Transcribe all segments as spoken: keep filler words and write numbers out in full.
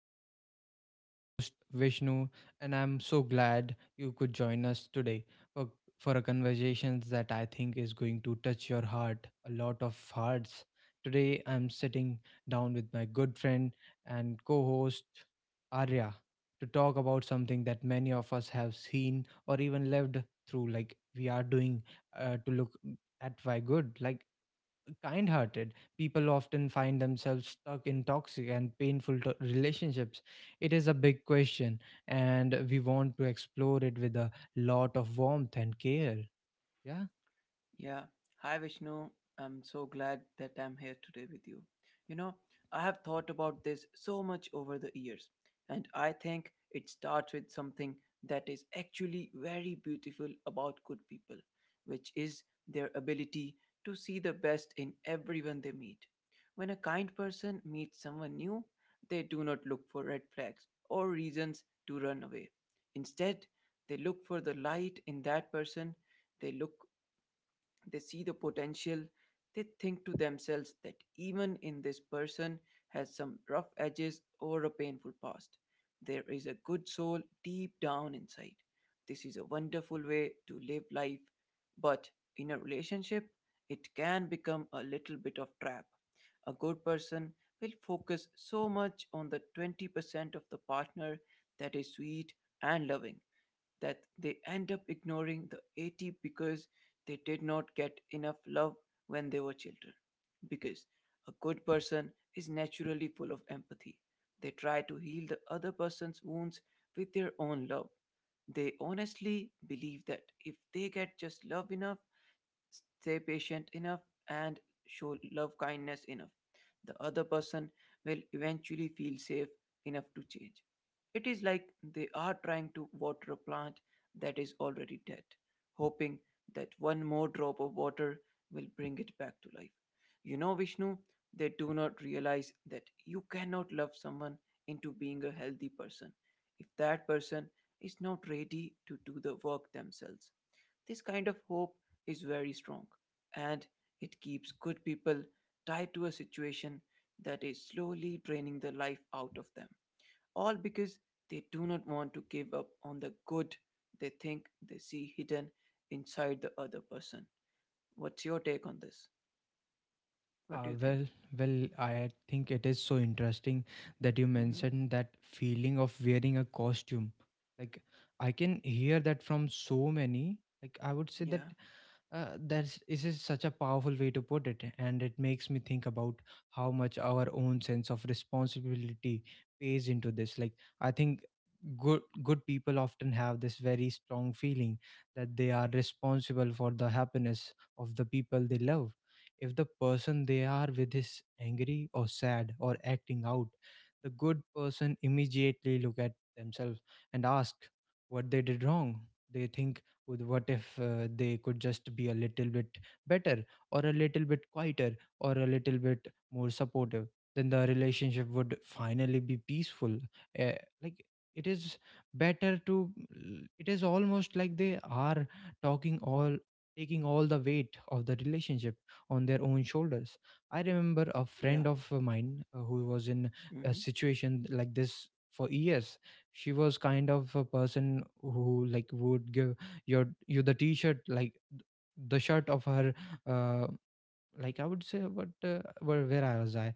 show. I am your host, Vishnu, and I'm so glad you could join us today for, for a conversation that I think is going to touch your heart, a lot of hearts. Today, I'm sitting down with my good friend and co host, Arya, to talk about something that many of us have seen or even lived through, like we are doing uh, to look at why good. Like, kind hearted. People often find themselves stuck in toxic and painful to- relationships. It is a big question, and we want to explore it with a lot of warmth and care. Yeah. Yeah. Hi, Vishnu. I'm so glad that I'm here today with you. You know, I have thought about this so much over the years, and I think it starts with something that is actually very beautiful about good people, which is their ability to see the best in everyone they meet. When a kind person meets someone new, they do not look for red flags or reasons to run away. Instead, they look for the light in that person, they look they see the potential. They think to themselves that even in this person has some rough edges or a painful past, there is a good soul deep down inside. This is a wonderful way to live life, but in a relationship it can become a little bit of trap. A good person will focus so much on the twenty percent of the partner that is sweet and loving that they end up ignoring the eighty because they did not get enough love when they were children. Because a good person is naturally full of empathy. They try to heal the other person's wounds with their own love. They honestly believe that if they get just love enough, stay patient enough, and show love kindness enough, the other person will eventually feel safe enough to change. It is like they are trying to water a plant that is already dead, hoping that one more drop of water will bring it back to life. You know, Vishnu, they do not realize that you cannot love someone into being a healthy person if that person is not ready to do the work themselves. This kind of hope is very strong, and it keeps good people tied to a situation that is slowly draining the life out of them, all because they do not want to give up on the good they think they see hidden inside the other person. What's your take on this? What do Yeah, you think? well, well, I think it is so interesting that you Hmm. mentioned that feeling of wearing a costume. Like I can hear that from so many. Like I would say that Yeah, uh, that's this is such a powerful way to put it, and it makes me think about how much our own sense of responsibility pays into this. Like I think good good people often have this very strong feeling that they are responsible for the happiness of the people they love. If the person they are with is angry or sad or acting out, the good person immediately look at themselves and ask what they did wrong. They think with what if uh, they could just be a little bit better, or a little bit quieter, or a little bit more supportive, then the relationship would finally be peaceful. uh, like, it is better to it is almost like they are talking all taking all the weight of the relationship on their own shoulders. I remember a yeah, friend of mine uh, who was in a Hmm. situation like this for years. She was kind of a person who like would give your you the t-shirt, like the shirt of her. uh, like, I would say what uh, where, where I was I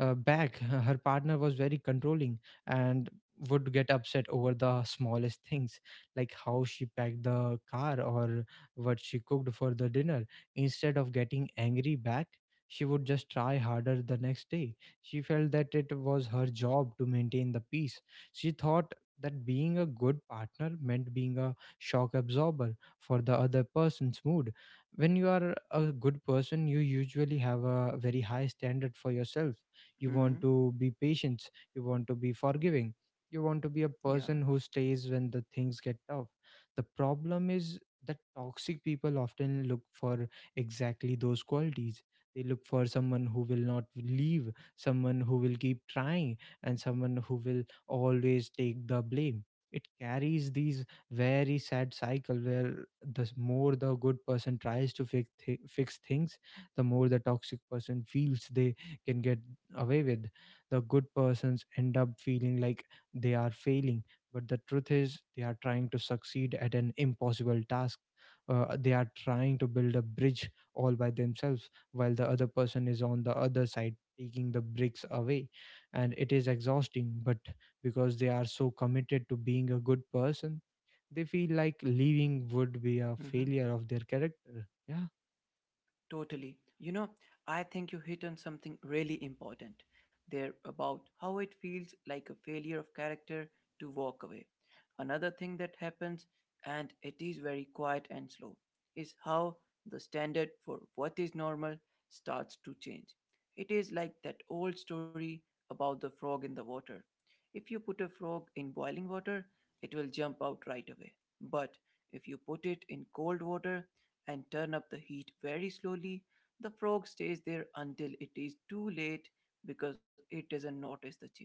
uh, back her partner was very controlling and would get upset over the smallest things, like how she packed the car or what she cooked for the dinner. Instead of getting angry back, she would just try harder the next day. She felt that it was her job to maintain the peace. She thought that being a good partner meant being a shock absorber for the other person's mood. When you are a good person, you usually have a very high standard for yourself. You want Hmm. to be patient, you want to be forgiving, you want to be a person Yeah. who stays when the things get tough. The problem is that toxic people often look for exactly those qualities. They look for someone who will not leave, someone who will keep trying, and someone who will always take the blame. It carries these very sad cycle where the s- more the good person tries to fix th- fix things, the more the toxic person feels they can get away with. The good persons end up feeling like they are failing, but the truth is they are trying to succeed at an impossible task. Uh, they are trying to build a bridge all by themselves while the other person is on the other side taking the bricks away, and it is exhausting, but because they are so committed to being a good person, they feel like leaving would be a Hmm. failure of their character. Yeah. Totally. You know, I think you hit on something really important there about how it feels like a failure of character to walk away. Another thing that happens, and it is very quiet and slow, is how the standard for what is normal starts to change. It is like that old story about the frog in the water. If you put a frog in boiling water, it will jump out right away. But if you put it in cold water, and turn up the heat very slowly, the frog stays there until it is too late because it doesn't notice the change.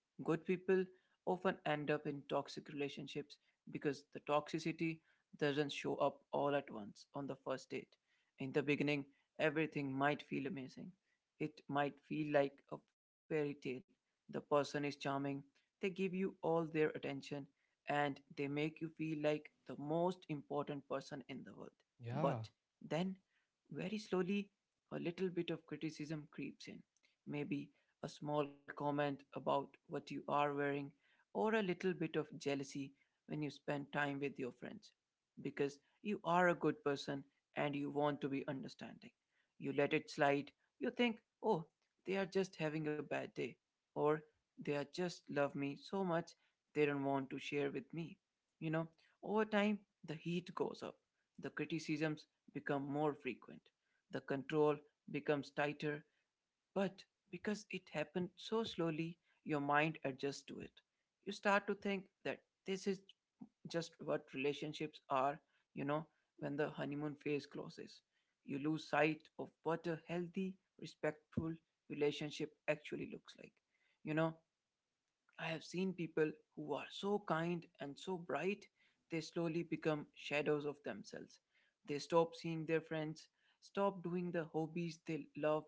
Good people often end up in toxic relationships because the toxicity doesn't show up all at once on the first date. In the beginning, everything might feel amazing. It might feel like a fairy tale. The person is charming, they give you all their attention, and they make you feel like the most important person in the world. But Yeah, then, very slowly, a little bit of criticism creeps in. Maybe a small comment about what you are wearing, or a little bit of jealousy when you spend time with your friends. Because you are a good person and you want to be understanding, you let it slide. You think, oh, they are just having a bad day, or they are just love me so much they don't want to share with me. You know, over time, the heat goes up, the criticisms become more frequent. The control becomes tighter, but because it happened so slowly, your mind adjusts to it. You start to think that this is just what relationships are, you know, when the honeymoon phase closes. You lose sight of what a healthy, respectful relationship actually looks like. You know, I have seen people who are so kind and so bright, they slowly become shadows of themselves. They stop seeing their friends, stop doing the hobbies they love,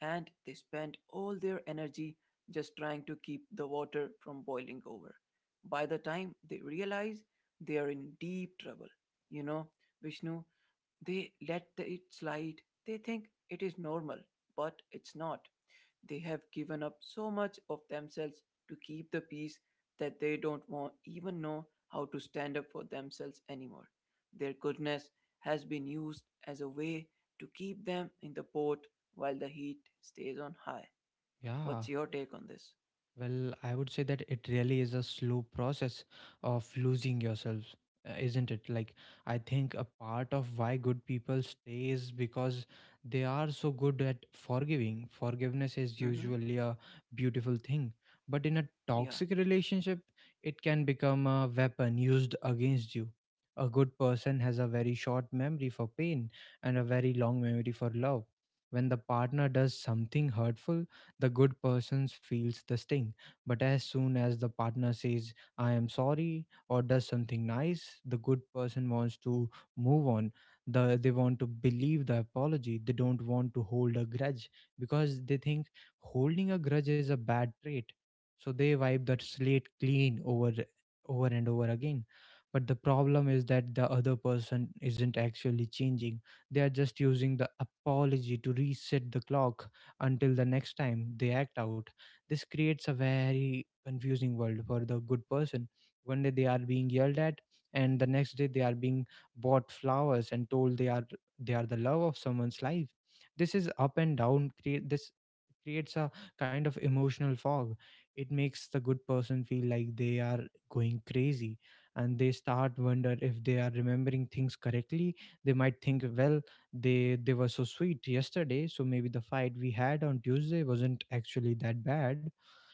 and they spend all their energy just trying to keep the water from boiling over. By the time they realize they are in deep trouble, you know, Vishnu, they let the, it slide. They think it is normal, but it's not. They have given up so much of themselves to keep the peace that they don't want, even know how to stand up for themselves anymore. Their goodness has been used as a way to keep them in the port while the heat stays on high. yeah. What's your take on this? Well, I would say that it really is a slow process of losing yourself, uh, isn't it? Like, I think a part of why good people stay is because they are so good at forgiving. Forgiveness is Mm-hmm. usually a beautiful thing, but in a Yeah. toxic relationship, it can become a weapon used against you. A good person has a very short memory for pain and a very long memory for love. When the partner does something hurtful, the good person feels the sting. But as soon as the partner says, I am sorry, or does something nice, the good person wants to move on. The, they want to believe the apology. They don't want to hold a grudge because they think holding a grudge is a bad trait. So they wipe that slate clean over over and over again. But the problem is that the other person isn't actually changing. They are just using the apology to reset the clock until the next time they act out. This creates a very confusing world for the good person. One day they are being yelled at, and the next day they are being bought flowers and told they are they are the love of someone's life. This is up and down. Create this creates a kind of emotional fog. It makes the good person feel like they are going crazy, and they start wonder if they are remembering things correctly. They might think, well, they they were so sweet yesterday, so maybe the fight we had on Tuesday wasn't actually that bad.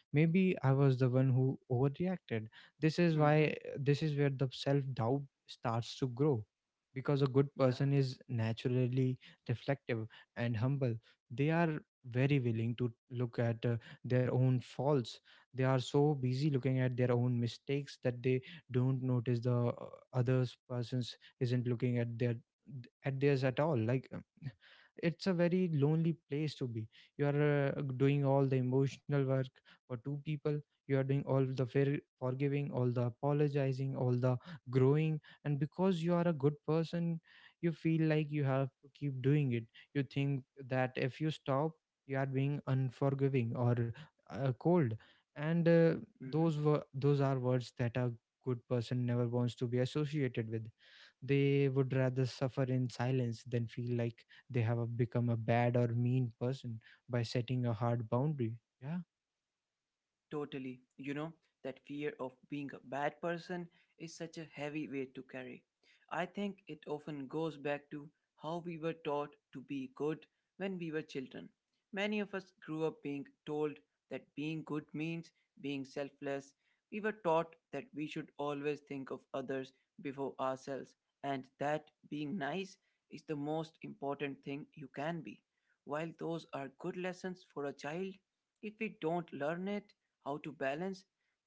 Maybe I was the one who overreacted. this is why Mm-hmm. This is where the self doubt starts to grow, because a good Yeah. person is naturally reflective and humble. They are very willing to look at uh, their own faults. They are so busy looking at their own mistakes that they don't notice the uh, others persons isn't looking at their at theirs at all. Like uh, it's a very lonely place to be. You are uh, doing all the emotional work for two people. You are doing all the very forgiving, all the apologizing, all the growing, and because you are a good person you feel like you have to keep doing it. You think that if you stop you are being unforgiving or uh, cold, and uh, Mm-hmm. those were those are words that a good person never wants to be associated with. They would rather suffer in silence than feel like they have a- become a bad or mean person by setting a hard boundary. Yeah. Totally. You know, that fear of being a bad person is such a heavy weight to carry. I think it often goes back to how we were taught to be good when we were children. Many of us grew up being told that being good means being selfless. We were taught that we should always think of others before ourselves and that being nice is the most important thing you can be. While those are good lessons for a child, if we don't learn it, how to balance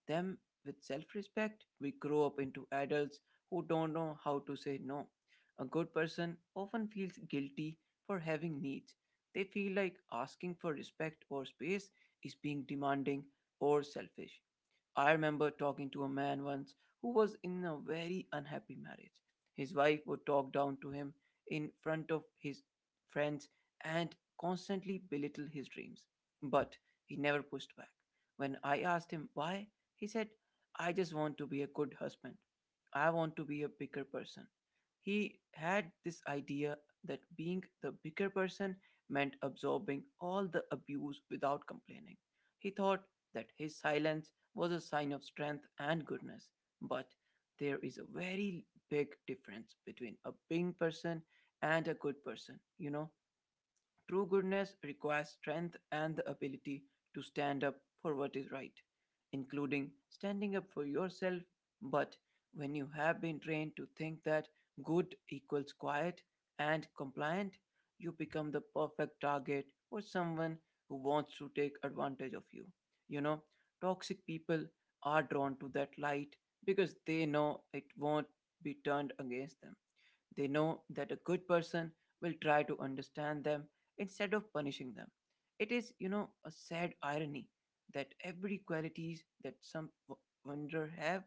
them with self respect, we grow up into adults who don't know how to say no. A good person often feels guilty for having needs. They feel like asking for respect or space is being demanding or selfish. I remember talking to a man once who was in a very unhappy marriage. His wife would talk down to him in front of his friends and constantly belittle his dreams. But he never pushed back. When I asked him why, he said, I just want to be a good husband. I want to be a bigger person. He had this idea that being the bigger person meant absorbing all the abuse without complaining. He thought that his silence was a sign of strength and goodness. But there is a very big difference between a being person and a good person, you know. True goodness requires strength and the ability to stand up for what is right, including standing up for yourself. But when you have been trained to think that good equals quiet and compliant, you become the perfect target for someone who wants to take advantage of you. You know, toxic people are drawn to that light because they know it won't be turned against them. They know that a good person will try to understand them instead of punishing them. It is, you know, a sad irony that every qualities that some w- wonder have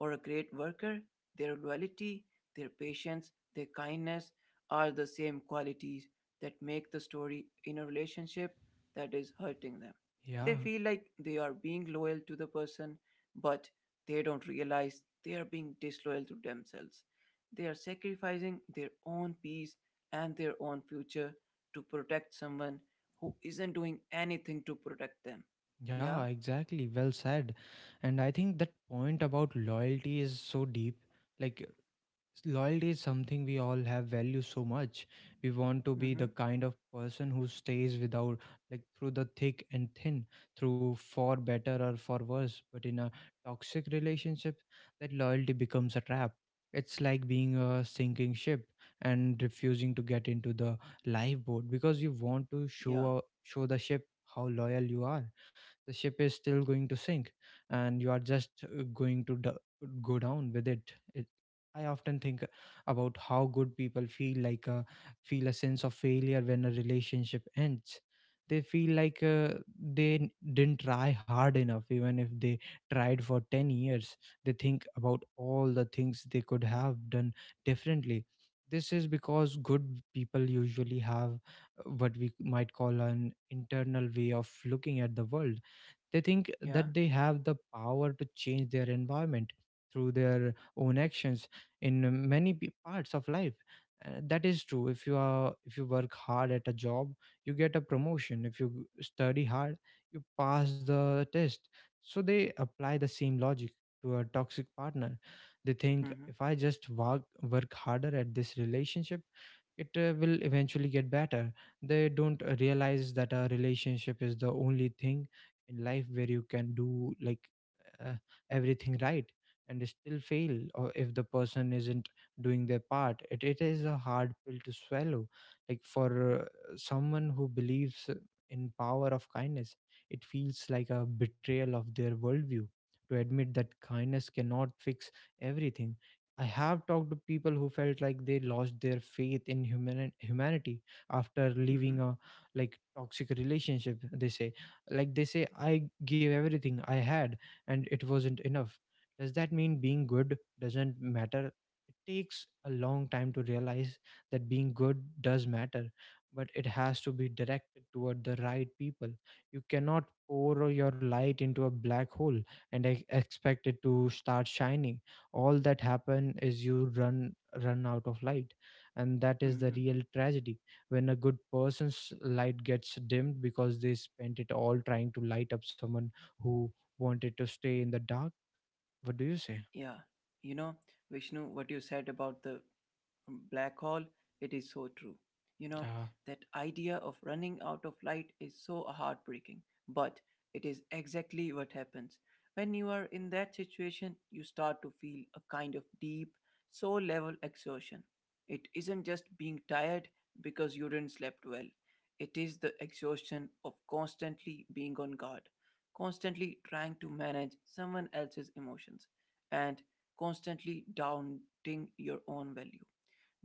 or a great worker, their loyalty, their patience, their kindness are the same qualities that make the story in a relationship that is hurting them. They Yeah. feel like they are being loyal to the person, but they don't realize they are being disloyal to themselves. They are sacrificing their own peace and their own future to protect someone who isn't doing anything to protect them. Yeah. Yeah, exactly. Well said. And I think that point about loyalty is so deep. Like, loyalty is something we all have value so much. We want to be Mm-hmm. the kind of person who stays without, like, through the thick and thin, through for better or for worse, but in a toxic relationship that loyalty becomes a trap. It's like being a sinking ship and refusing to get into the lifeboat because you want to Yeah. show show the ship how loyal you are. The ship is still going to sink, and you are just uh, going to d- go down with it. I often think about how good people feel like a feel a sense of failure when a relationship ends. They feel like uh, they n- didn't try hard enough, even if they tried for ten years. They think about all the things they could have done differently. This is because good people usually have uh, what we might call an internal way of looking at the world. They think that Yeah. they have the power to change their environment through their own actions in many p- parts of life. Uh, that is true. If you are if you work hard at a job you get a promotion. If you study hard you pass the test. So they apply the same logic to a toxic partner. They think, Mm-hmm. if I just work work harder at this relationship, it uh, will eventually get better. They don't uh, realize that a relationship is the only thing in life where you can do, like, uh, everything right and still fail, or if the person isn't doing their part, it, it is a hard pill to swallow. Like for uh, someone who believes in power of kindness, it feels like a betrayal of their worldview to admit that kindness cannot fix everything. I have talked to people who felt like they lost their faith in human humanity after Mm-hmm. leaving a like toxic relationship. They say, like they say I gave everything I had and it wasn't enough. Does that mean being good doesn't matter? It takes a long time to realize that being good does matter, but it has to be directed toward the right people. You cannot pour your light into a black hole and ex- expect it to start shining. All that happen is you run run out of light, and that is the Mm-hmm. real tragedy, when a good person's light gets dimmed because they spent it all trying to light up someone who wanted to stay in the dark. What do you say? Yeah. You know, Vishnu, what you said about the black hole, it is so true. You know, Yeah, that idea of running out of light is so heartbreaking, but it is exactly what happens. When you are in that situation, you start to feel a kind of deep soul level exhaustion. It isn't just being tired because you didn't slept well. It is the exhaustion of constantly being on guard, constantly trying to manage someone else's emotions, and constantly doubting your own value.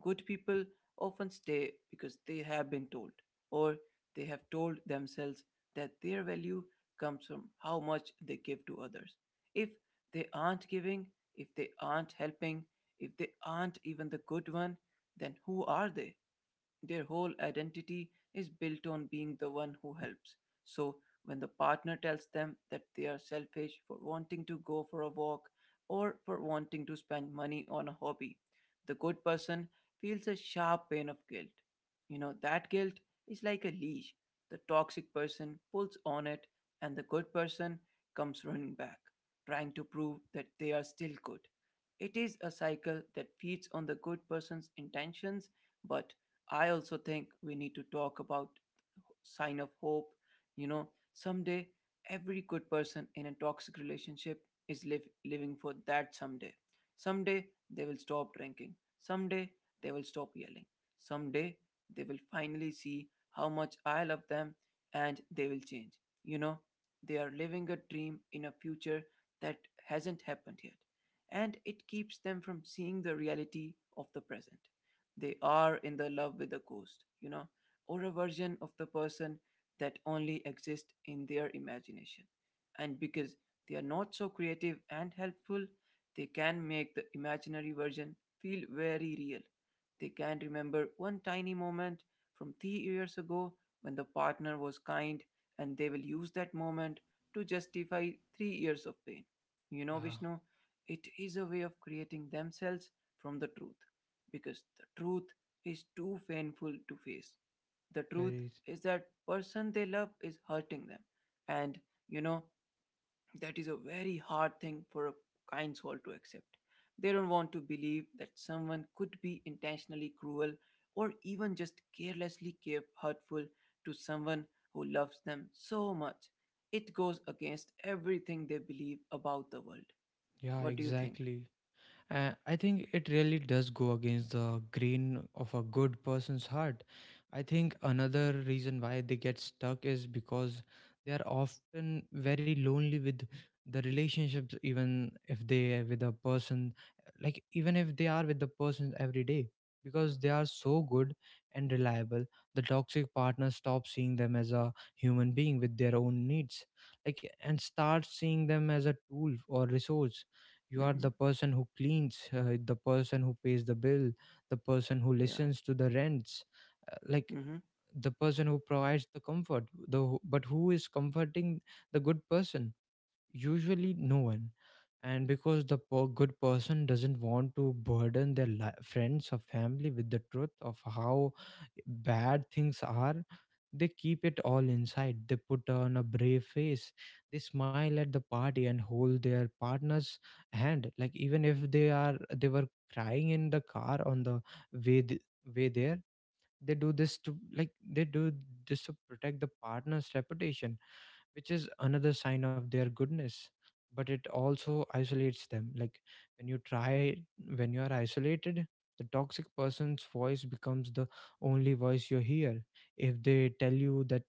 Good people often stay because they have been told, or they have told themselves, that their value comes from how much they give to others. If they aren't giving, if they aren't helping, if they aren't even the good one, then who are they? Their whole identity is built on being the one who helps. So, when the partner tells them that they are selfish for wanting to go for a walk or for wanting to spend money on a hobby, the good person feels a sharp pain of guilt. You know, that guilt is like a leash. The toxic person pulls on it, and the good person comes running back, trying to prove that they are still good. It is a cycle that feeds on the good person's intentions, but I also think we need to talk about sign of hope. You know, someday every good person in a toxic relationship is live, living for that someday. Someday they will stop drinking. Someday they will stop yelling. Someday they will finally see how much I love them and they will change. You know, they are living a dream in a future that hasn't happened yet. And it keeps them from seeing the reality of the present. They are in the love with the ghost, you know, or a version of the person that only exists in their imagination. And because they are not so creative and helpful, they can make the imaginary version feel very real. They can remember one tiny moment from three years ago when the partner was kind, and they will use that moment to justify three years of pain. You know, yeah, Vishnu, it is a way of creating themselves from the truth because the truth is too painful to face. The truth Paris. is that person they love is hurting them and you know that is a very hard thing for a kind soul to accept. They don't want to believe that someone could be intentionally cruel or even just carelessly care- hurtful to someone who loves them so much. It goes against everything they believe about the world. Yeah, What do you think? exactly. Uh, I think it really does go against the grain of a good person's heart. I think another reason why they get stuck is because they are often very lonely with the relationships, even if they are with a person, like even if they are with the person every day, because they are so good and reliable. The toxic partner stops seeing them as a human being with their own needs, like and starts seeing them as a tool or resource. You are Mm-hmm. the person who cleans, uh, the person who pays the bill, the person who Yeah. listens to the rents, uh, like Mm-hmm. the person who provides the comfort. The who- but who is comforting the good person? Usually no one. And because the po- good person doesn't want to burden their li- friends or family with the truth of how bad things are, they keep it all inside. They put on a brave face, they smile at the party and hold their partner's hand, like even if they are they were crying in the car on the way th- way there. They do this, to like they do this to protect the partner's reputation, which is another sign of their goodness, but it also isolates them. like when you try when you are isolated, the toxic person's voice becomes the only voice you hear. If they tell you that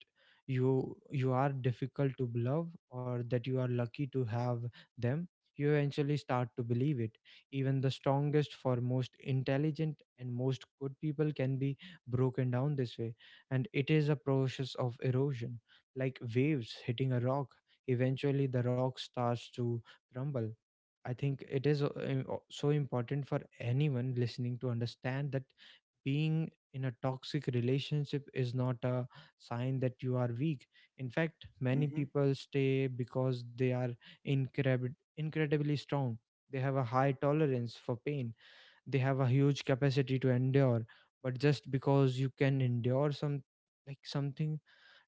you you are difficult to love or that you are lucky to have them, you eventually start to believe it. Even the strongest for most intelligent and most good people can be broken down this way, and it is a process of erosion, like waves hitting a rock. Eventually, the rock starts to crumble. I think it is uh, im- o- so important for anyone listening to understand that being in a toxic relationship is not a sign that you are weak. In fact, many Mm-hmm. people stay because they are incredib- incredibly strong. They have a high tolerance for pain. They have a huge capacity to endure. But just because you can endure some like something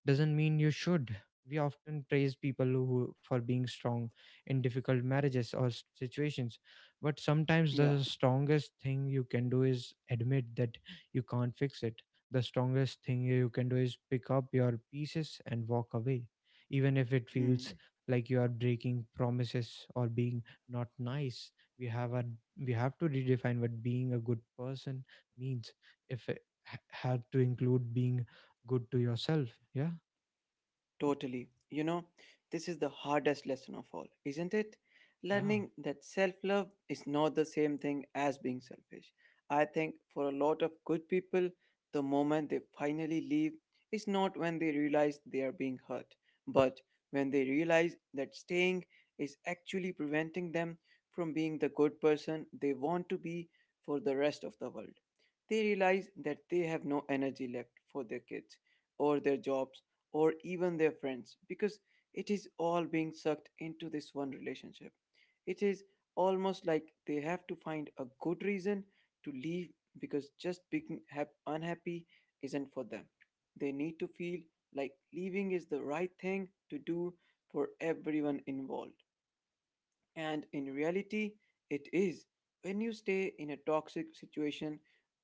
doesn't mean you should. We often praise people who, for being strong in difficult marriages or s- situations, but sometimes Yeah. the strongest thing you can do is admit that you can't fix it. The strongest thing you can do is pick up your pieces and walk away, even if it Mm-hmm. feels like you are breaking promises or being not nice. We have a we have to redefine what being a good person means. If it ha- had to include being good to yourself, yeah. Totally. You know, this is the hardest lesson of all, isn't it? Yeah, Learning that self love is not the same thing as being selfish. I think for a lot of good people, the moment they finally leave is not when they realize they are being hurt, but when they realize that staying is actually preventing them from being the good person they want to be for the rest of the world. They realize that they have no energy left for their kids or their jobs or even their friends because it is all being sucked into this one relationship. It is almost like they have to find a good reason to leave because just being hap- unhappy isn't for them. They need to feel like leaving is the right thing to do for everyone involved. And in reality, it is. When you stay in a toxic situation,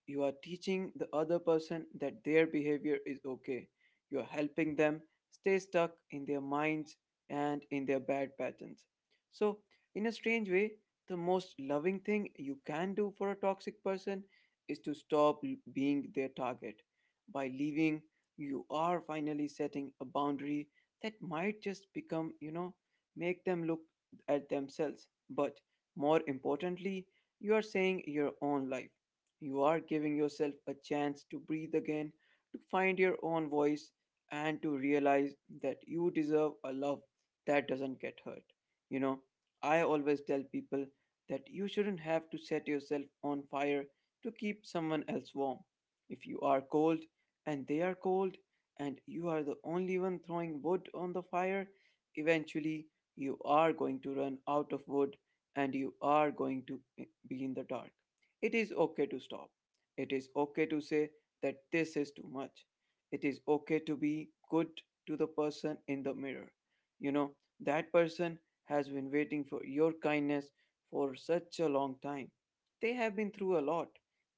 you are teaching the other person that their behavior is okay. You are helping them stay stuck in their minds and in their bad patterns. So, in a strange way, the most loving thing you can do for a toxic person is to stop l- being their target. By leaving, you are finally setting a boundary that might just become, you know, make them look at themselves, but more importantly, you are saying your own life. You are giving yourself a chance to breathe again, to find your own voice, and to realize that you deserve a love that doesn't get hurt. You know, I always tell people that you shouldn't have to set yourself on fire to keep someone else warm. If you are cold and they are cold, and you are the only one throwing wood on the fire, eventually you are going to run out of wood and you are going to be in the dark. It is okay to stop. It is okay to say that this is too much. It is okay to be good to the person in the mirror. You know, that person has been waiting for your kindness for such a long time. They have been through a lot.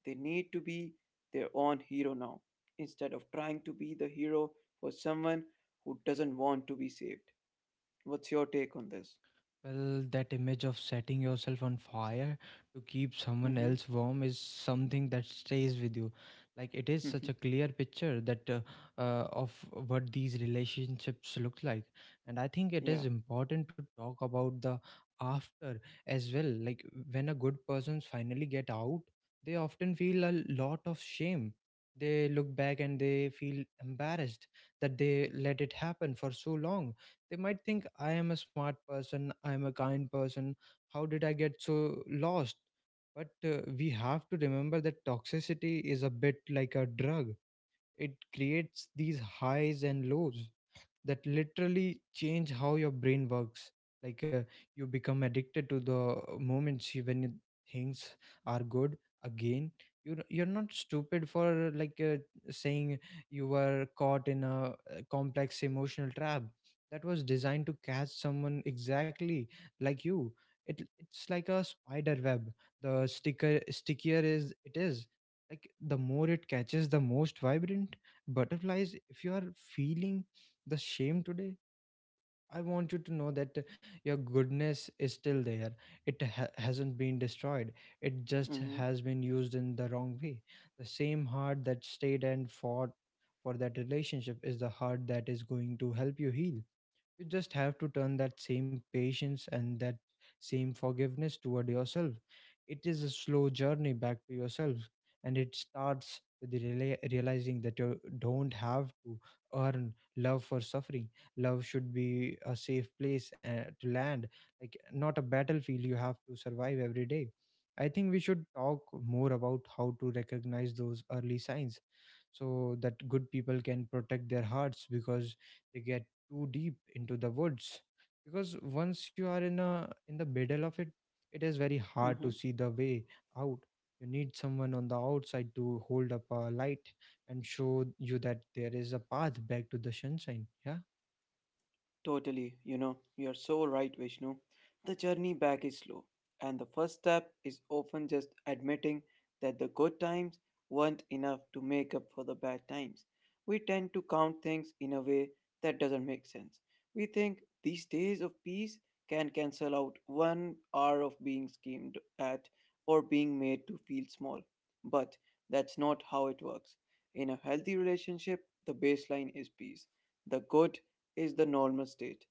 They need to be their own hero now instead of trying to be the hero for someone who doesn't want to be saved. What's your take on this? well, that image of setting yourself on fire to keep someone Mm-hmm. else warm is something that stays with you. Like it is such a clear picture that uh, uh, of what these relationships look like, and I think it is yeah. important to talk about the after as well. Like when a good persons finally get out, they often feel a lot of shame. They look back and they feel embarrassed that they let it happen for so long. They might think, I am a smart person, I am a kind person. How did I get so lost? But uh, we have to remember that toxicity is a bit like a drug. It creates these highs and lows that literally change how your brain works. like uh, you become addicted to the moments you- when you- things are good again. You you're you're not stupid for like uh, saying you were caught in a uh, complex emotional trap that was designed to catch someone exactly like you. It it's like a spider web. The sticker stickier is it is, like the more it catches the most vibrant butterflies. If you are feeling the shame today, I want you to know that uh, your goodness is still there. It ha- hasn't been destroyed. It just Mm-hmm. has been used in the wrong way. The same heart that stayed and fought for that relationship is the heart that is going to help you heal. You just have to turn that same patience and that same forgiveness toward yourself. It is a slow journey back to yourself, and it starts with the reala- realizing that you don't have to earn love for suffering. Love should be a safe place uh, to land, like not a battlefield you have to survive every day. I think we should talk more about how to recognize those early signs so that good people can protect their hearts, because they get too deep into the woods. Because once you are in a in the middle of it, it is very hard to Mm-hmm. see the way out. You need someone on the outside to hold up a light and show you that there is a path back to the sunshine, yeah. Totally, you know, you're so right, Vishnu. The journey back is slow, and the first step is often just admitting that the good times weren't enough to make up for the bad times. We tend to count things in a way that doesn't make sense. We think these days of peace can cancel out one hour of being schemed at or being made to feel small. But that's not how it works. In a healthy relationship, the baseline is peace the good is the normal state,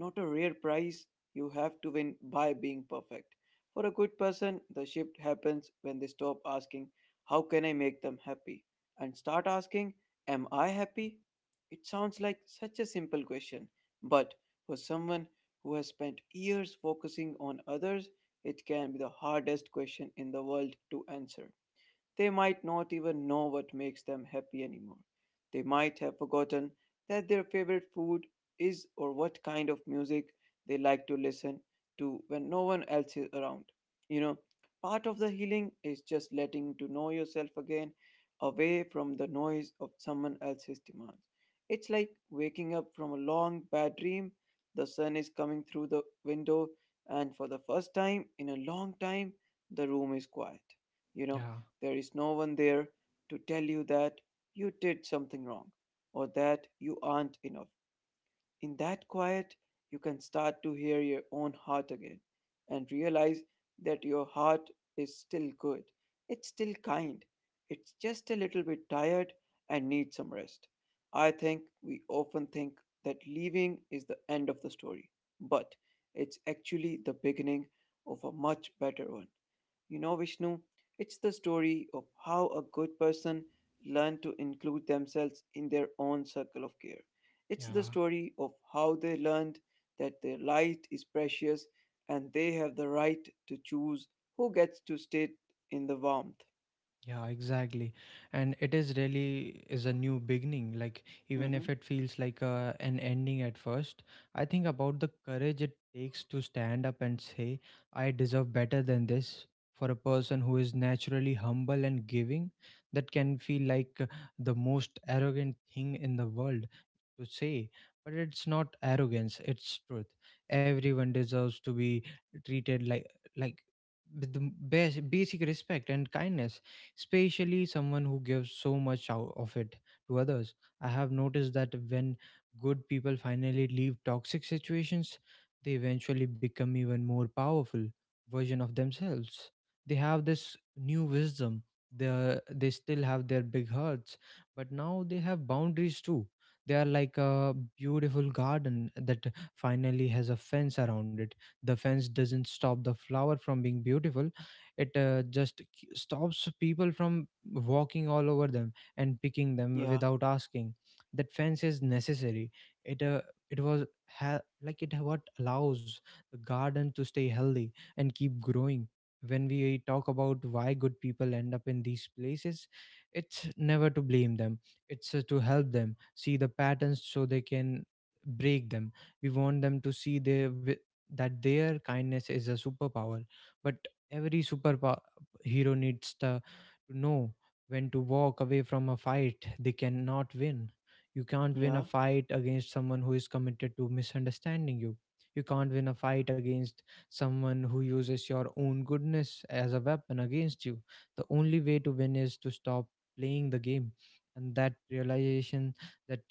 not a rare prize you have to win by being perfect. For a good person, the shift happens when they stop asking, how can I make them happy? And start asking, am I happy? It sounds like such a simple question, but for someone who has spent years focusing on others, it can be the hardest question in the world to answer. They might not even know what makes them happy anymore. They might have forgotten that their favorite food is or what kind of music they like to listen to when no one else is around. You know, part of the healing is just letting to know yourself again away from the noise of someone else's demands. It's like waking up from a long bad dream. The sun is coming through the window, and for the first time in a long time, the room is quiet. You know, Yeah, there is no one there to tell you that you did something wrong or that you aren't enough. In that quiet, you can start to hear your own heart again and realize that your heart is still good. It's still kind. It's just a little bit tired and needs some rest. I think we often think that leaving is the end of the story, but it's actually the beginning of a much better one. You know, Vishnu, it's the story of how a good person learned to include themselves in their own circle of care. It's the yeah. story of how they learned that their light is precious and they have the right to choose who gets to stay in the warmth. Yeah, exactly. And it is really is a new beginning. Like even Hmm. if it feels like a, an ending at first, I think about the courage it takes to stand up and say, "I deserve better than this." For a person who is naturally humble and giving, that can feel like uh, the most arrogant thing in the world to say. But it's not arrogance; it's truth. Everyone deserves to be treated like like with the bas- basic respect and kindness, especially someone who gives so much out of it to others. I have noticed that when good people finally leave toxic situations, they eventually become even more powerful version of themselves. They have this new wisdom. They they still have their big hearts, but now they have boundaries too. They are like a beautiful garden that finally has a fence around it. The fence doesn't stop the flower from being beautiful; it uh, just, like, stops people from walking all over them and picking them Yeah, without asking. That fence is necessary. It uh, it was ha- like it what allows the garden to stay healthy and keep growing. When we talk about why good people end up in these places, it's never to blame them. It's uh, to help them see the patterns so they can break them. We want them to see their wi- that their kindness is a superpower, but every superpower hero needs to, to know when to walk away from a fight they cannot win. You can't win a yeah. fight against someone who is committed to misunderstanding you. You can't win a fight against someone who uses your own goodness as a weapon against you. The only way to win is to stop playing the game. And that realization, that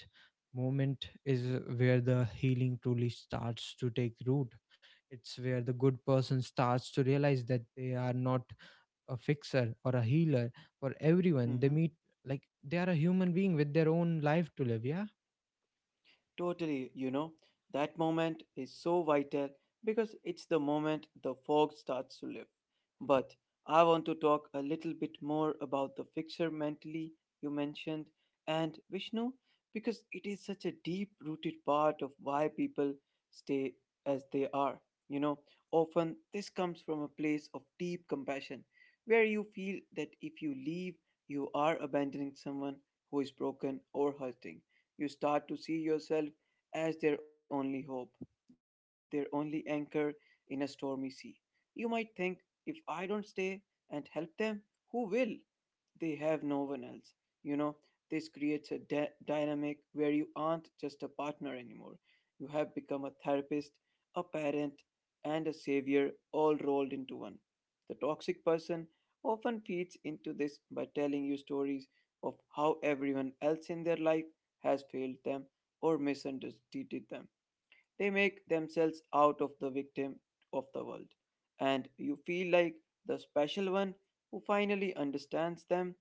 moment is where the healing truly starts to take root. It's where the good person starts to realize that they are not a fixer or a healer for everyone they Mm-hmm. meet, like they are a human being with their own life to live, yeah. Totally, you know, that moment is so vital because it's the moment the fog starts to lift. But I want to talk a little bit more about the fixer mentally you mentioned and Vishnu because it is such a deep rooted part of why people stay as they are. You know, often this comes from a place of deep compassion where you feel that if you leave, you are abandoning someone who is broken or hurting you start to see yourself as their only hope, their only anchor in a stormy sea. You might think, if I don't stay and help them, who will? They have no one else. You know, this creates a dy- dynamic where you aren't just a partner anymore. You have become a therapist, a parent, and a savior all rolled into one. The toxic person often feeds into this by telling you stories of how everyone else in their life has failed them or misunderstood them. They make themselves out of the victim of the world, and you feel like the special one who finally understands them.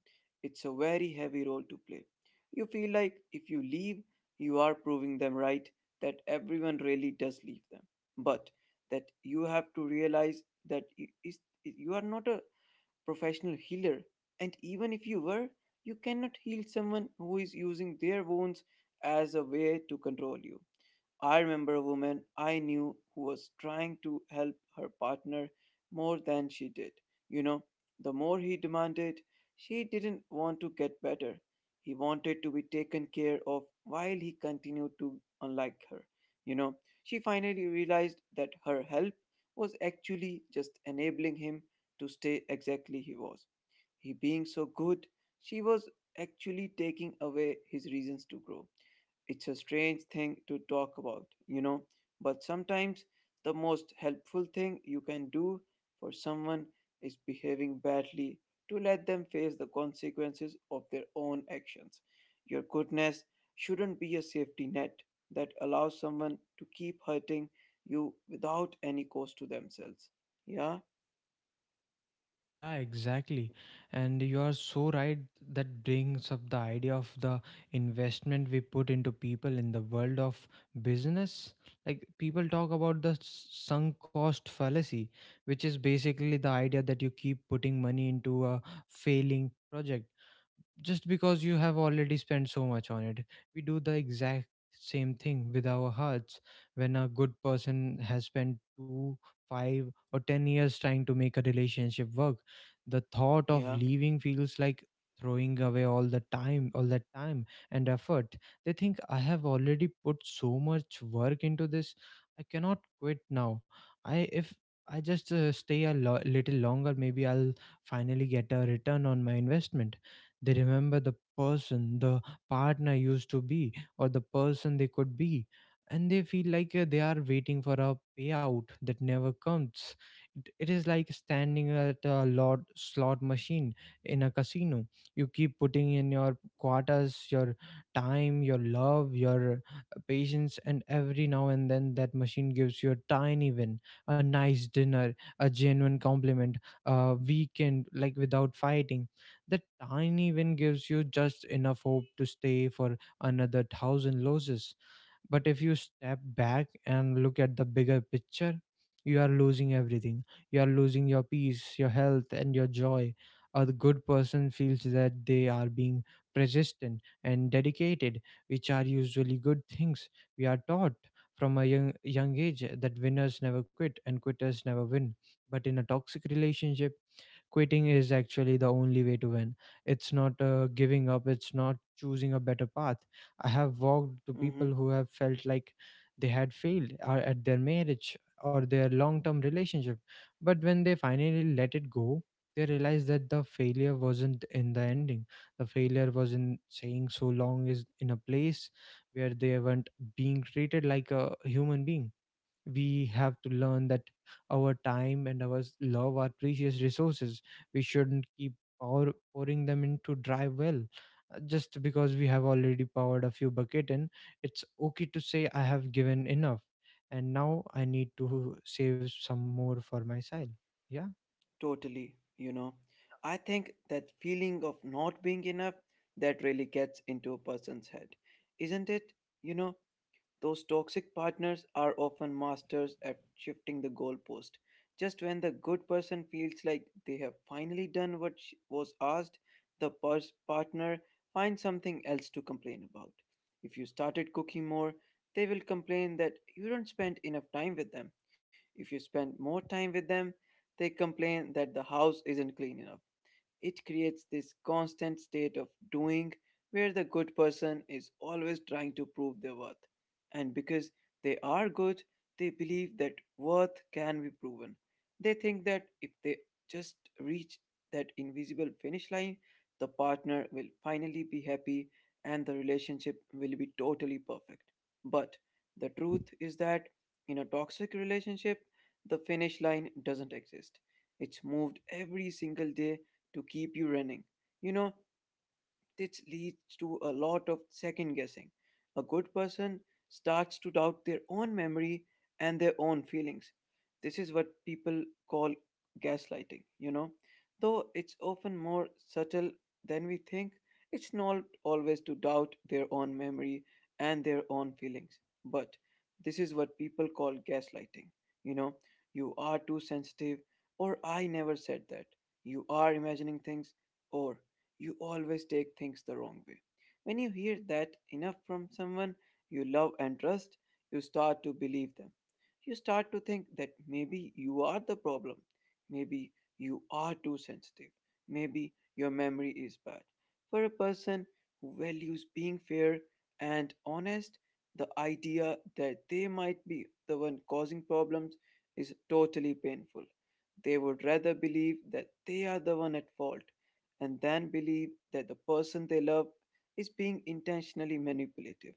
It's a very heavy role to play. You feel like if you leave, you are proving them right that everyone really does leave them, but that you have to realize that i- is- you are not a professional healer, and even if you were, you cannot heal someone who is using their wounds as a way to control you. I remember a woman I knew who was trying to help her partner more than she did. You know, the more he demanded, she didn't want to get better. He wanted to be taken care of while he continued to unlike her. You know, she finally realized that her help was actually just enabling him to stay exactly he was. He being so good, she was actually taking away his reasons to grow. It's a strange thing to talk about, you know, but sometimes the most helpful thing you can do for someone is behaving badly to let them face the consequences of their own actions. Your goodness shouldn't be a safety net that allows someone to keep hurting you without any cost to themselves. Yeah, Yeah, exactly. And you are so right. That brings up the idea of the investment we put into people. In the world of business, like people talk about the s- sunk cost fallacy, which is basically the idea that you keep putting money into a failing project just because you have already spent so much on it. We do the exact same thing with our hearts. When a good person has spent two, five, or ten years trying to make a relationship work, the thought of yeah. leaving feels like throwing away all the time all that time and effort. They think, I have already put so much work into this, I cannot quit now. I if I just uh, stay a lo- little longer, maybe I'll finally get a return on my investment. They remember the person the partner used to be, or the person they could be. And they feel like uh, they are waiting for a payout that never comes. It, it is like standing at a lot slot machine in a casino. You keep putting in your quarters, your time, your love, your uh, patience, and every now and then that machine gives you a tiny win, a nice dinner, a genuine compliment, a weekend like without fighting. That tiny win gives you just enough hope to stay for another thousand losses. But if you step back and look at the bigger picture, you are losing everything. You are losing your peace, your health, and your joy. A good person feels that they are being persistent and dedicated, which are usually good things. We are taught from a young, young age that winners never quit and quitters never win. But in a toxic relationship, quitting is actually the only way to win. It's not uh, giving up, it's not choosing a better path. I have walked to people Mhm. who have felt like they had failed uh, at their marriage or their long term relationship. But when they finally let it go, they realized that the failure wasn't in the ending. The failure was in saying so long is in a place where they weren't being treated like a human being. We have to learn that our time and our s- love are precious resources. We shouldn't keep our pouring them into dry well. Uh, just because we have already poured a few bucket in, it's okay to say I have given enough and now I need to save some more for myself. Yeah, Totally, you know. I think that feeling of not being enough that really gets into a person's head, isn't it? You know, those toxic partners are often masters at shifting the goalpost. Just when the good person feels like they have finally done what sh- was asked, the pers- partner finds something else to complain about. If you started cooking more, they will complain that you don't spend enough time with them. If you spend more time with them, they complain that the house isn't clean enough. It creates this constant state of doing where the good person is always trying to prove their worth. And because they are good, they believe that worth can be proven. They think that if they just reach that invisible finish line, the partner will finally be happy and the relationship will be totally perfect. But the truth is that in a toxic relationship, the finish line doesn't exist. It's moved every single day to keep you running. You know, this leads to a lot of second guessing. A good person starts to doubt their own memory and their own feelings. This is what people call gaslighting, you know. Though it's often more subtle than we think, it's not always to doubt their own memory and their own feelings. But this is what people call gaslighting, you know. You are too sensitive, or I never said that. You are imagining things, or you always take things the wrong way. When you hear that enough from someone you love and trust, you start to believe them. You start to think that maybe you are the problem. Maybe you are too sensitive. Maybe your memory is bad. For a person who values being fair and honest, the idea that they might be the one causing problems is totally painful. They would rather believe that they are the one at fault and then believe that the person they love is being intentionally manipulative.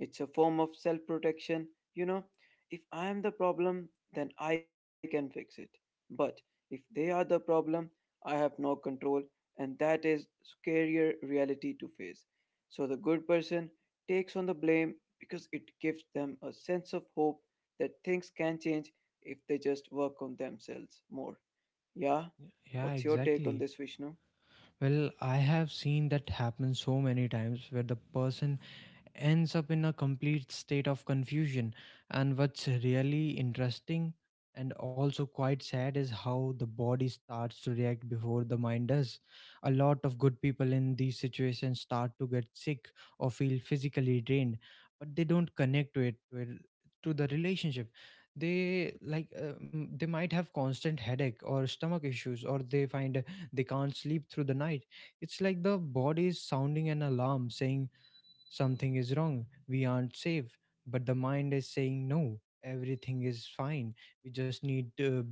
It's a form of self protection. You know, if I am the problem, then I can fix it. But if they are the problem, I have no control, and that is scarier reality to face. So the good person takes on the blame because it gives them a sense of hope that things can change if they just work on themselves more. Yeah? yeah, What's your take on exactly. this, Vishnu? Well, I have seen that happen so many times where the person ends up in a complete state of confusion. And what's really interesting and also quite sad is how the body starts to react before the mind does. A lot of good people in these situations start to get sick or feel physically drained, but they don't connect to it to, to the relationship. They like uh, mm, they might have constant headache or stomach issues, or they find uh, they can't sleep through the night. It's like the body is sounding an alarm saying something is wrong. We aren't safe. But the mind is saying, no, everything is fine. We just need to,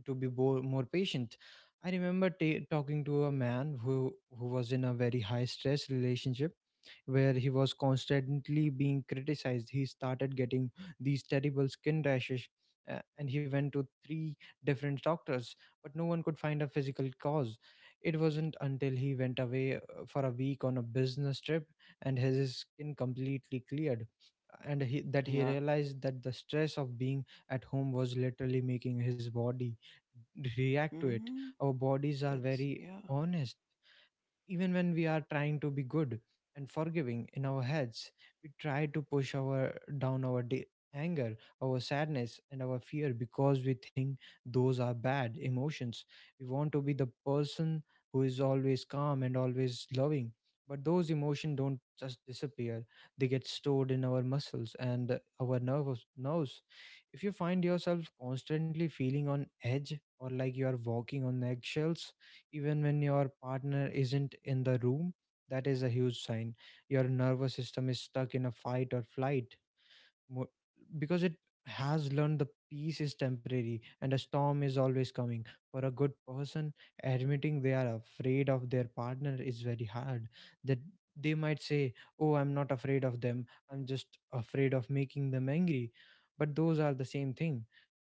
to be bo- more patient. I remember ta talking to a man who, who was in a very high stress relationship where he was constantly being criticized. He started getting these terrible skin rashes, uh, and he went to three different doctors, but no one could find a physical cause. It wasn't until he went away uh, for a week on a business trip and his skin completely cleared and he, that he Yeah. realized that the stress of being at home was literally making his body react to it. Hmm. Our bodies are That's, very yeah. honest, even when we are trying to be good and forgiving in our heads. We try to push our down our de- anger, our sadness and our fear because we think those are bad emotions. We want to be the person who is always calm and always loving, but those emotions don't just disappear. They get stored in our muscles and our nervous nerves. If you find yourself constantly feeling on edge or like you are walking on eggshells even when your partner isn't in the room, that is a huge sign your nervous system is stuck in a fight or flight mo- because it has learned the peace is temporary and a storm is always coming. For a good person, admitting they are afraid of their partner is very hard. That they might say, oh, I'm not afraid of them, I'm just afraid of making them angry. But those are the same thing,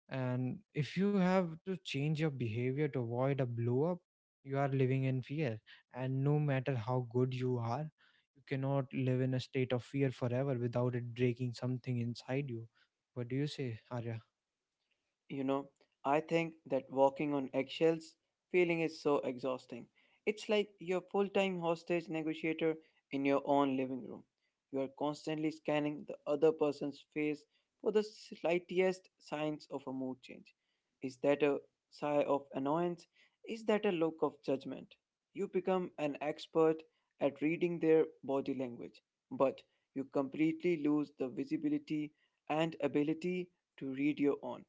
and if you have to change your behavior to avoid a blow up, you are living in fear. And no matter how good you are, you cannot live in a state of fear forever without it breaking something inside you. What do you say, Arya? You know, I think that walking on eggshells feeling is so exhausting. It's like you're full time hostage negotiator in your own living room. You are constantly scanning the other person's face for the slightest signs of a mood change. Is that a sigh of annoyance? Is that a look of judgment? You become an expert at reading their body language, but you completely lose the visibility and ability to read your own.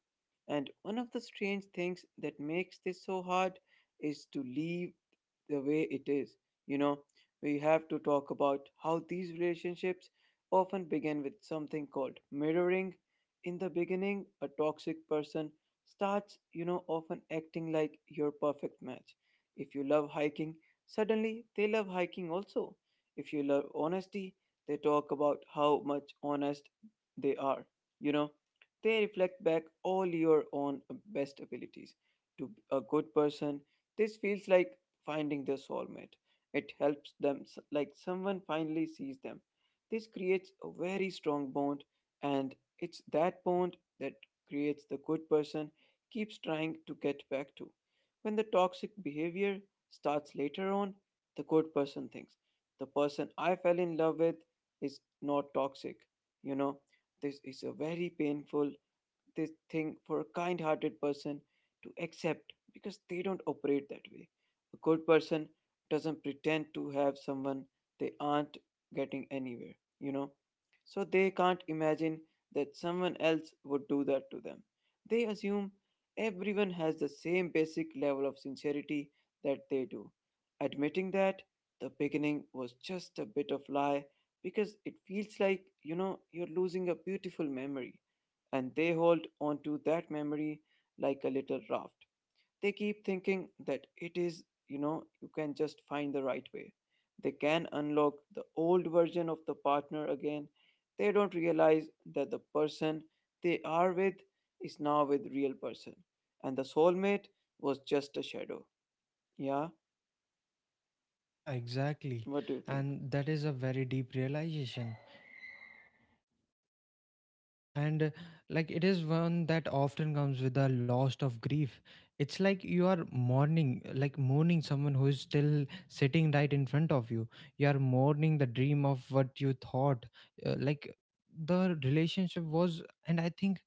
And one of the strange things that makes this so hard is to leave the way it is. You know, we have to talk about how these relationships often begin with something called mirroring. In the beginning, a toxic person starts, you know, often acting like your perfect match. If you love hiking, suddenly they love hiking also. If you love honesty, they talk about how much honest they are. You know, they reflect back all your own uh, best abilities. To a good person, this feels like finding their soulmate. It helps them, s- like someone finally sees them. This creates a very strong bond, and it's that bond that creates the good person keeps trying to get back to. When the toxic behavior starts later on, the good person thinks the person I fell in love with is not toxic. You know, this is a very painful this thing for a kind hearted person to accept because they don't operate that way. A good person doesn't pretend to have someone they aren't getting anywhere, you know. So they can't imagine that someone else would do that to them. They assume everyone has the same basic level of sincerity that they do. Admitting that the beginning was just a bit of lie because it feels like you know you're losing a beautiful memory and they hold on to that memory like a little raft. They keep thinking that it is, you know, you can just find the right way. They can unlock the old version of the partner again. They don't realize that the person they are with is now with real person and the soulmate was just a shadow. Yeah, Yeah, exactly. what do you think? And that is a very deep realization. and uh, like it is one that often comes with the loss of grief. It's like you are mourning, like mourning someone who is still sitting right in front of you. You are mourning the dream of what you thought, uh, like, the relationship was. And I think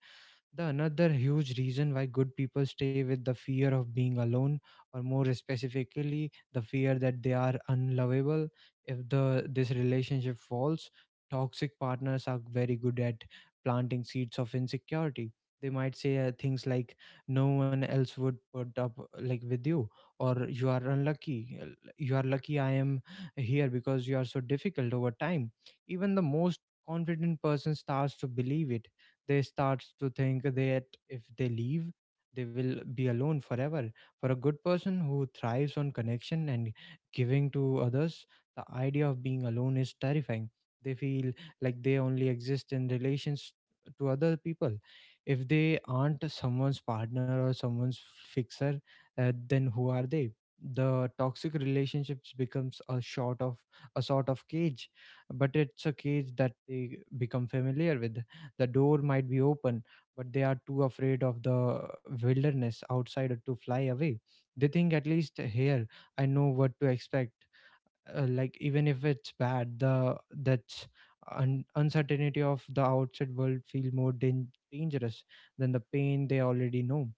the another huge reason why good people stay with the fear of being alone, or more specifically, the fear that they are unlovable. If the this relationship falls, toxic partners are very good at planting seeds of insecurity. They might say uh, things like, "No one else would put up uh, like with you," or, "You are unlucky. uh, You are lucky I am here because you are so difficult over time." Even the most confident person starts to believe it. They start to think that if they leave, they will be alone forever. For a good person who thrives on connection and giving to others, the idea of being alone is terrifying. They feel like they only exist in relations to other people. If they aren't someone's partner or someone's fixer, uh, then who are they? The toxic relationships becomes a sort of a sort of cage, but it's a cage that they become familiar with. The door might be open, but they are too afraid of the wilderness outside to fly away. They think, at least here, I know what to expect, uh, like, even if it's bad, the that's un- uncertainty of the outside world feel more dan- dangerous than the pain they already know.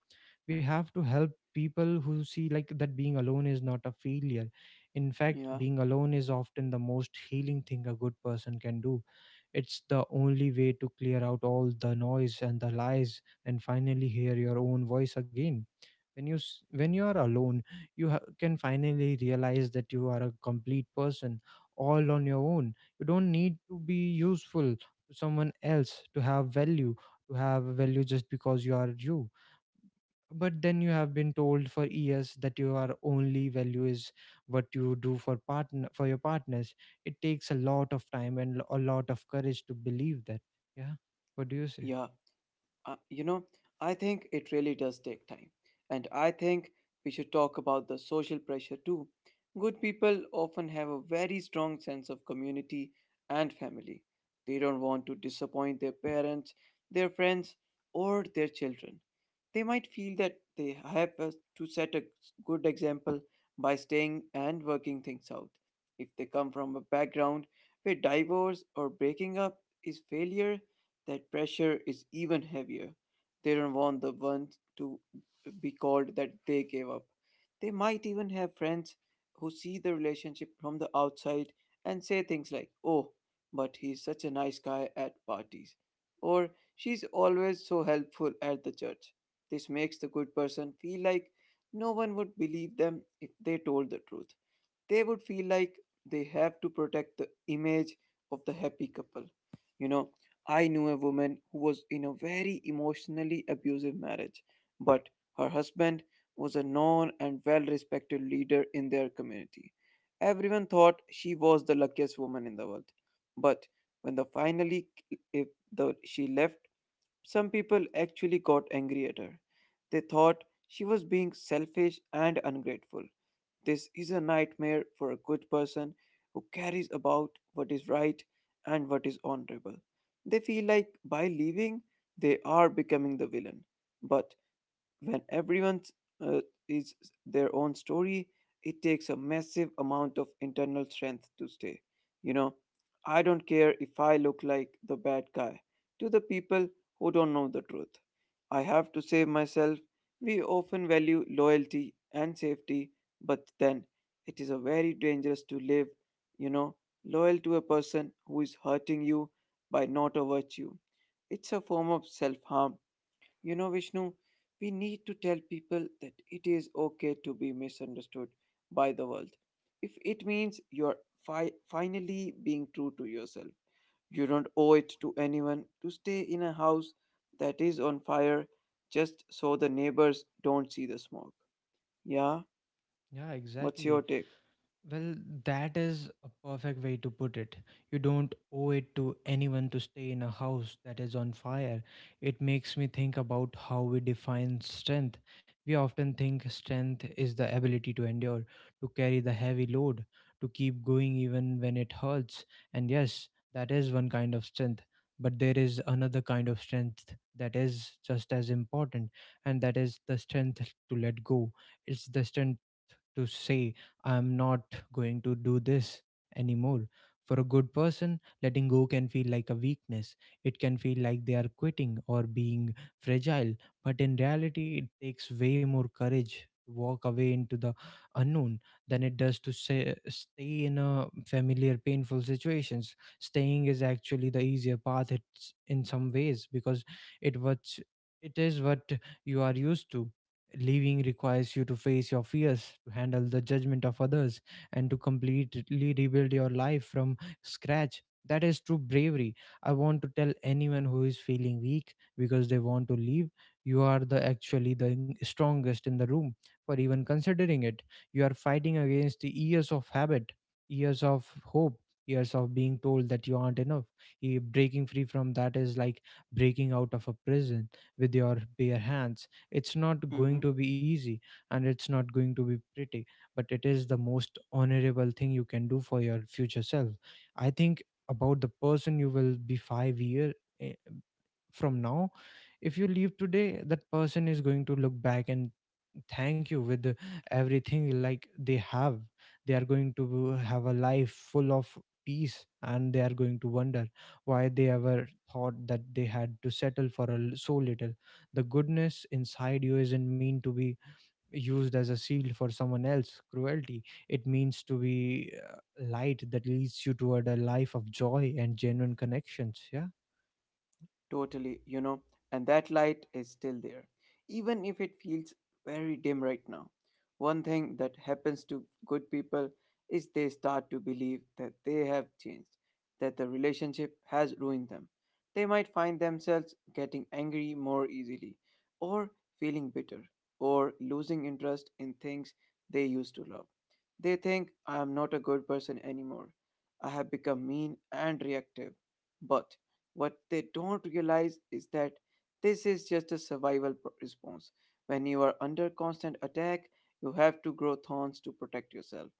We have to help people who see like that being alone is not a failure. In fact, Yeah, being alone is often the most healing thing a good person can do. It's the only way to clear out all the noise and the lies and finally hear your own voice again. When you s- when you are alone, you ha- can finally realize that you are a complete person all on your own. You don't need to be useful to someone else to have value, to have value just because you are you. But then you have been told for years that your only value is what you do for partner for your partners. It takes a lot of time and a lot of courage to believe that. Yeah, what do you say? yeah. Uh, you know, I think it really does take time. And I think we should talk about the social pressure too. Good people often have a very strong sense of community and family. They don't want to disappoint their parents, their friends, or their children. They might feel that they have uh, to set a good example by staying and working things out. If they come from a background where divorce or breaking up is failure, that pressure is even heavier. They don't want the ones to be called that they gave up. They might even have friends who see the relationship from the outside and say things like, "Oh, but he's such a nice guy at parties." Or, "she's always so helpful at the church." This makes the good person feel like no one would believe them if they told the truth. They would feel like they have to protect the image of the happy couple. You know, I knew a woman who was in a very emotionally abusive marriage, but her husband was a known and well respected leader in their community. Everyone thought she was the luckiest woman in the world. But when the finally if the, she left, some people actually got angry at her. They thought she was being selfish and ungrateful. This is a nightmare for a good person who carries about what is right and what is honorable. They feel like by leaving, they are becoming the villain. But when everyone uh, is their own story, it takes a massive amount of internal strength to stay. You know, I don't care if I look like the bad guy to the people who don't know the truth. I have to save myself. We often value loyalty and safety, but then it is a very dangerous to live, you know, loyal to a person who is hurting you by not a virtue. It's a form of self harm. You know, Vishnu, we need to tell people that it is okay to be misunderstood by the world. If it means you're fi- finally being true to yourself, you don't owe it to anyone to stay in a house that is on fire just so the neighbors don't see the smoke. Yeah, Yeah, what's your exactly. take? Well, that is a perfect way to put it. You don't owe it to anyone to stay in a house that is on fire. It makes me think about how we define strength. We often think strength is the ability to endure, to carry the heavy load, to keep going even when it hurts. And yes, that is one kind of strength. But there is another kind of strength that is just as important, and that is the strength to let go. It's the strength to say I'm not going to do this anymore. For a good person, letting go can feel like a weakness. It can feel like they are quitting or being fragile. But in reality, it takes way more courage to walk away into the unknown than it does to say, stay in a familiar, painful situations. Staying is actually the easier path, it's in some ways because it what it is what you are used to. Living requires you to face your fears, to handle the judgment of others, and to completely rebuild your life from scratch. That is true bravery. I want to tell anyone who is feeling weak because they want to leave, you are the actually the strongest in the room for even considering it. You are fighting against the years of habit, years of hope, years of being told that you aren't enough. Eh, Breaking free from that is like breaking out of a prison with your bare hands. It's not going to be easy and it's not going to be pretty, but it is the most honorable thing you can do for your future self. I think about the person you will be five year eh, from now. If you leave today, that person is going to look back and thank you with everything like they have. They are going to have a life full of peace and they are going to wonder why they ever thought that they had to settle for a, l- so little. The goodness inside you isn't mean to be used as a shield for someone else's cruelty. It means to be, uh, light that leads you toward a life of joy and genuine connections. Totally, you know, and that light is still there, even if it feels very dim right now. One thing that happens to good people is they start to believe that they have changed, that the relationship has ruined them. They might find themselves getting angry more easily, or feeling bitter, or losing interest in things they used to love. They think I am not a good person anymore. I have become mean and reactive. But what they don't realize is that this is just a survival pr- response. When you are under constant attack, you have to grow thorns to protect yourself.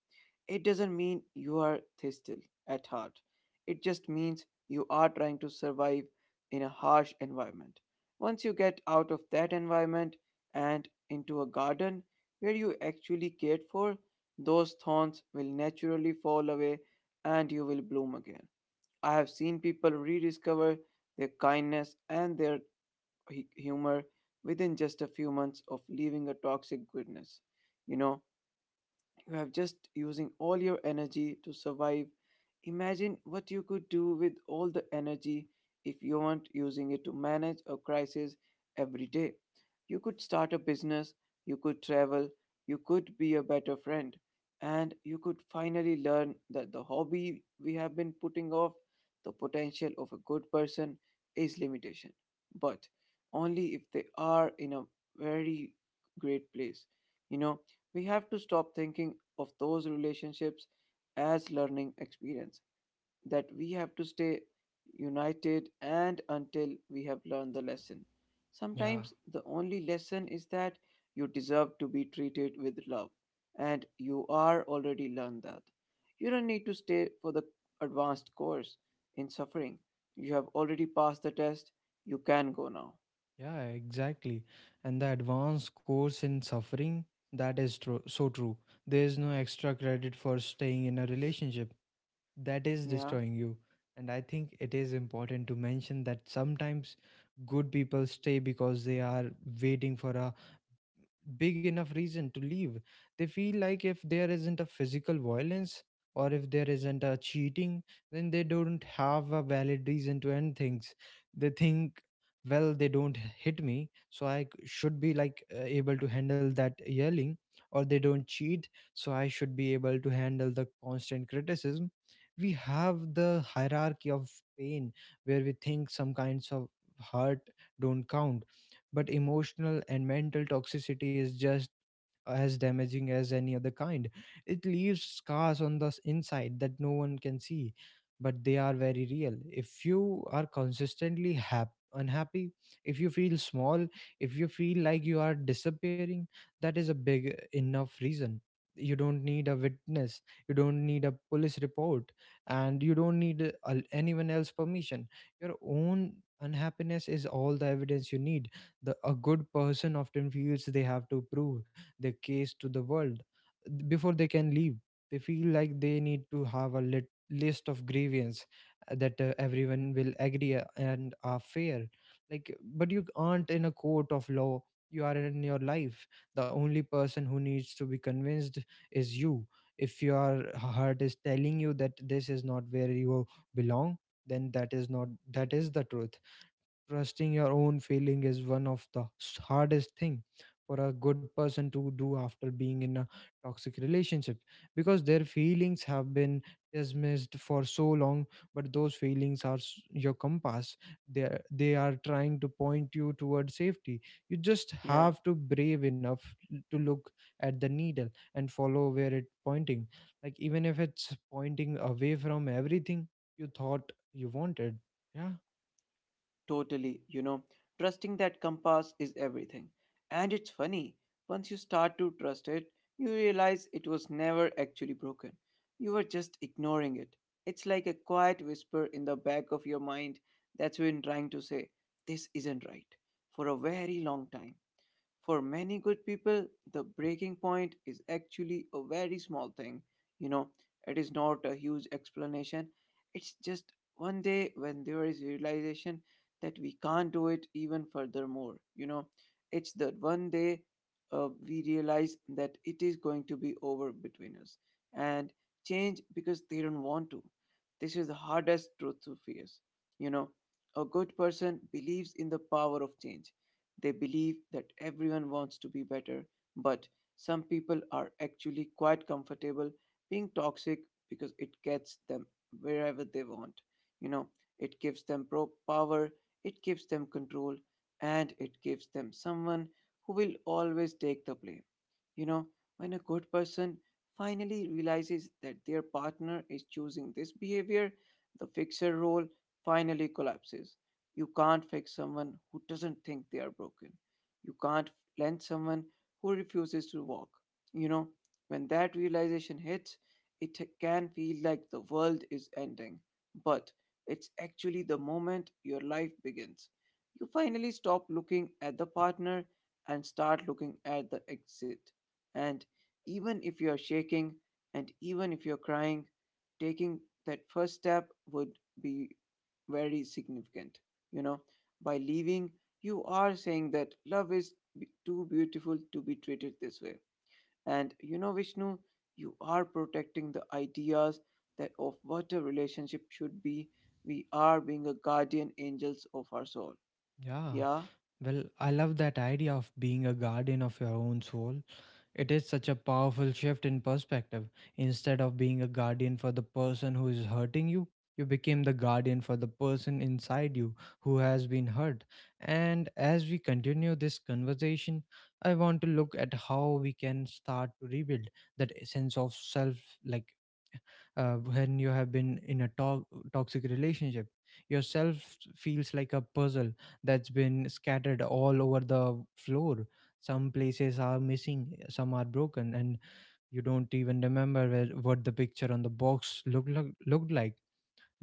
It doesn't mean you are thistle at heart. It just means you are trying to survive in a harsh environment. Once you get out of that environment and into a garden where you actually cared for, those thorns will naturally fall away and you will bloom again. I have seen people rediscover their kindness and their hu- humor within just a few months of leaving a toxic goodness. You know, you have just using all your energy to survive. Imagine what you could do with all the energy if you weren't using it to manage a crisis every day. You could start a business, you could travel, you could be a better friend, and you could finally learn that the hobby we have been putting off. The potential of a good person is limitation, but only if they are in a very great place. You know, we have to stop thinking of those relationships as learning experience that we have to stay united and until we have learned the lesson. Yeah, Sometimes the only lesson is that you deserve to be treated with love, and you are already learned that. You don't need to stay for the advanced course in suffering. You have already passed the test. You can go now. yeah, exactly. And the advanced course in suffering, that is true, so true. There is no extra credit for staying in a relationship that is Yeah. destroying you. And I think it is important to mention that sometimes good people stay because they are waiting for a big enough reason to leave. They feel like if there isn't a physical violence or if there isn't a cheating, then they don't have a valid reason to end things. They think, well, they don't hit me, so I c- should be like uh, able to handle that yelling, or they don't cheat, so I should be able to handle the constant criticism. We have the hierarchy of pain where we think some kinds of hurt don't count, but emotional and mental toxicity is just as damaging as any other kind. It leaves scars on the s- inside that no one can see, but they are very real. If you are consistently hap- unhappy, if you feel small, if you feel like you are disappearing, that is a big enough reason. You don't need a witness, you don't need a police report, and you don't need uh, al- anyone else's permission. Your own unhappiness is all the evidence you need. The a good person often feels they have to prove their case to the world before they can leave. They feel like they need to have a lit- list of grievance, uh, that uh, everyone will agree uh, and are fair. Like, but you aren't in a court of law. You are in your life. The only person who needs to be convinced is you. If your heart is telling you that this is not where you belong, then that is not that is the truth. Trusting your own feeling is one of the s- hardest thing for a good person to do after being in a toxic relationship, because their feelings have been dismissed for so long. But those feelings are s- your compass. They are, they are trying to point you toward safety. You just Yeah. have to brave enough l- to look at the needle and follow where it pointing, like even if it's pointing away from everything you thought you wanted. Yeah. Totally, you know, trusting that compass is everything. And it's funny, once you start to trust it, you realize it was never actually broken. You were just ignoring it. It's like a quiet whisper in the back of your mind that's been trying to say, this isn't right, for a very long time. For many good people, the breaking point is actually a very small thing. You know, it is not a huge explanation. It's just one day when there is realization that we can't do it even furthermore. You know, it's the one day uh, we realize that it is going to be over between us and change because they don't want to. This is the hardest truth to face. You know, a good person believes in the power of change. They believe that everyone wants to be better, but some people are actually quite comfortable being toxic because it gets them wherever they want. You know, it gives them pro- power, it gives them control, and it gives them someone who will always take the blame. You know, when a good person finally realizes that their partner is choosing this behavior, the fixer role finally collapses. You can't fix someone who doesn't think they are broken. You can't lend someone who refuses to walk. You know, when that realization hits, it can feel like the world is ending. But it's actually the moment your life begins. You finally stop looking at the partner and start looking at the exit. And even if you're shaking and even if you're crying, taking that first step would be very significant. You know, by leaving, you are saying that love is b- too beautiful to be treated this way. And you know, Vishnu, you are protecting the ideas that of what a relationship should be. We are being a guardian angels of our soul. Yeah. Yeah, Well, I love that idea of being a guardian of your own soul. It is such a powerful shift in perspective. Instead of being a guardian for the person who is hurting you, you became the guardian for the person inside you who has been hurt. And as we continue this conversation, I want to look at how we can start to rebuild that sense of self. Like, uh, when you have been in a to- toxic relationship, yourself feels like a puzzle that's been scattered all over the floor. Some places are missing, some are broken, and you don't even remember where, what the picture on the box looked look, looked like.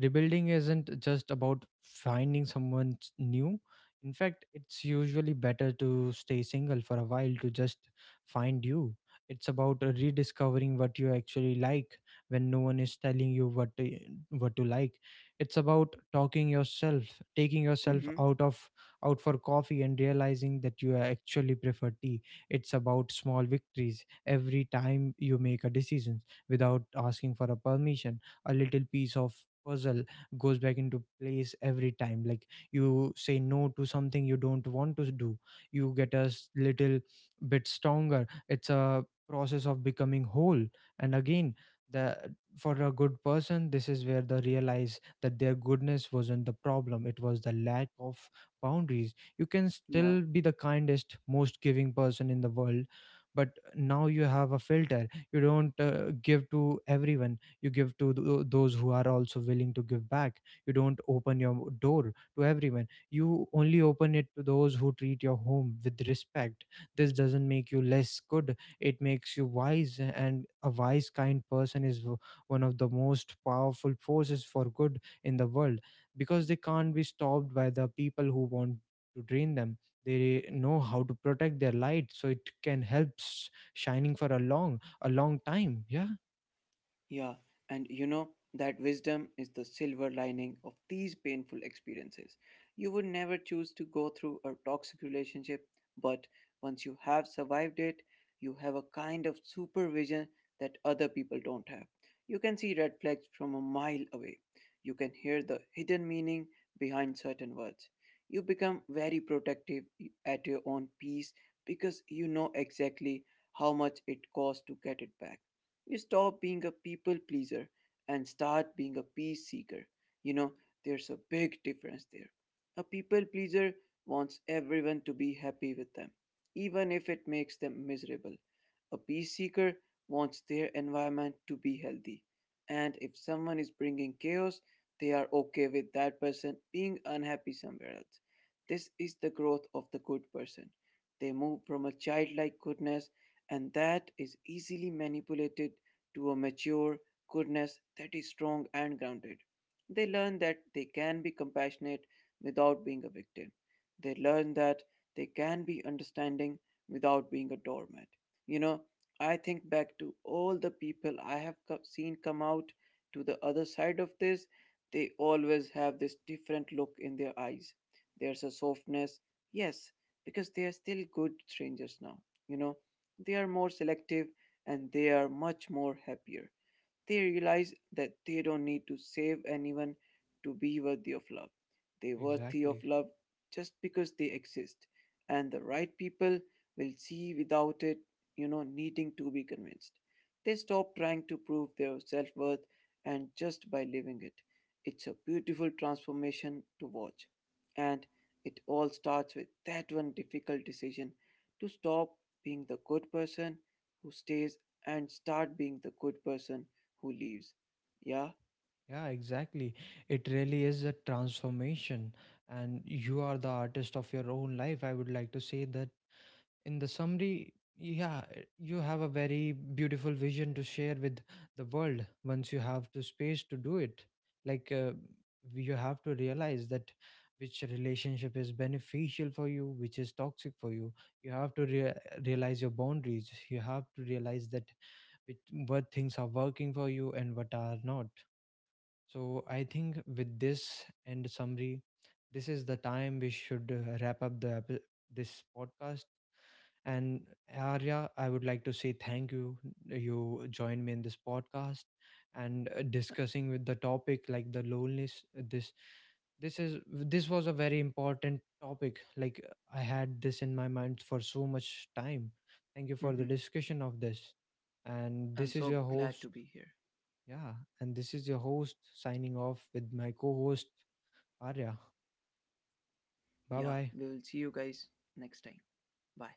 Rebuilding isn't just about finding someone s- new. In fact, it's usually better to stay single for a while to just find you. It's about uh, rediscovering what you actually like when no one is telling you what to, what to like. It's about talking yourself, taking yourself hmm, out of out for coffee and realizing that you actually prefer tea. It's about small victories. Every time you make a decision without asking for a permission, a little piece of puzzle goes back into place. Every time like you say no to something you don't want to do, you get a s- little bit stronger. It's a process of becoming whole and again. The For a good person, this is where they realize that their goodness wasn't the problem, it was the lack of boundaries. You can yeah. still be the kindest, most giving person in the world, but now you have a filter. You don't uh, give to everyone, you give to tho- those who are also willing to give back. You don't open your door to everyone, you only open it to those who treat your home with respect. This doesn't make you less good, it makes you wise. And a wise kind person is w- one of the most powerful forces for good in the world, because they can't be stopped by the people who want to drain them. They know how to protect their light so it can help s- shining for a long a long time. Yeah, Yeah, and you know, that wisdom is the silver lining of these painful experiences. You would never choose to go through a toxic relationship, but once you have survived it, you have a kind of supervision that other people don't have. You can see red flags from a mile away. You can hear the hidden meaning behind certain words. You become very protective at your own peace because you know exactly how much it costs to get it back. You stop being a people pleaser and start being a peace seeker. You know, there's a big difference there. A people pleaser wants everyone to be happy with them, even if it makes them miserable. A peace seeker wants their environment to be healthy. And if someone is bringing chaos, they are okay with that person being unhappy somewhere else. This is the growth of the good person. They move from a childlike goodness, and that is easily manipulated to a mature goodness that is strong and grounded. They learn that they can be compassionate without being a victim. They learn that they can be understanding without being a doormat. You know, I think back to all the people I have co- seen come out to the other side of this, they always have this different look in their eyes. There's a softness, yes, because they are still good strangers now. You know, they are more selective and they are much more happier. They realize that they don't need to save anyone to be worthy of love. They're worthy of exactly. love just because they exist, and the right people will see without it, you know, needing to be convinced. They stop trying to prove their self worth and just by living it. It's a beautiful transformation to watch. And it all starts with that one difficult decision to stop being the good person who stays and start being the good person who leaves. Yeah, Yeah, exactly. It really is a transformation, and you are the artist of your own life. I would like to say that in the summary, yeah, eh, you have a very beautiful vision to share with the world once you have the space to do it. Like, uh, you have to realize that which relationship is beneficial for you, which is toxic for you. You have to rea- realize your boundaries. You have to realize that which, what things are working for you and what are not. So I think with this and summary, this is the time we should uh, wrap up the epi- this podcast. And Arya, I would like to say thank you. You joined me in this podcast and uh, discussing with the topic like the loneliness. uh, This this is this was a very important topic. Like, I had this in my mind for so much time. Thank you for the I'm discussion of this. And this is so your glad to host. be here. Yeah, and this is your host signing off with my co host Arya. Bye Yeah, bye. we will see you guys next time. Bye.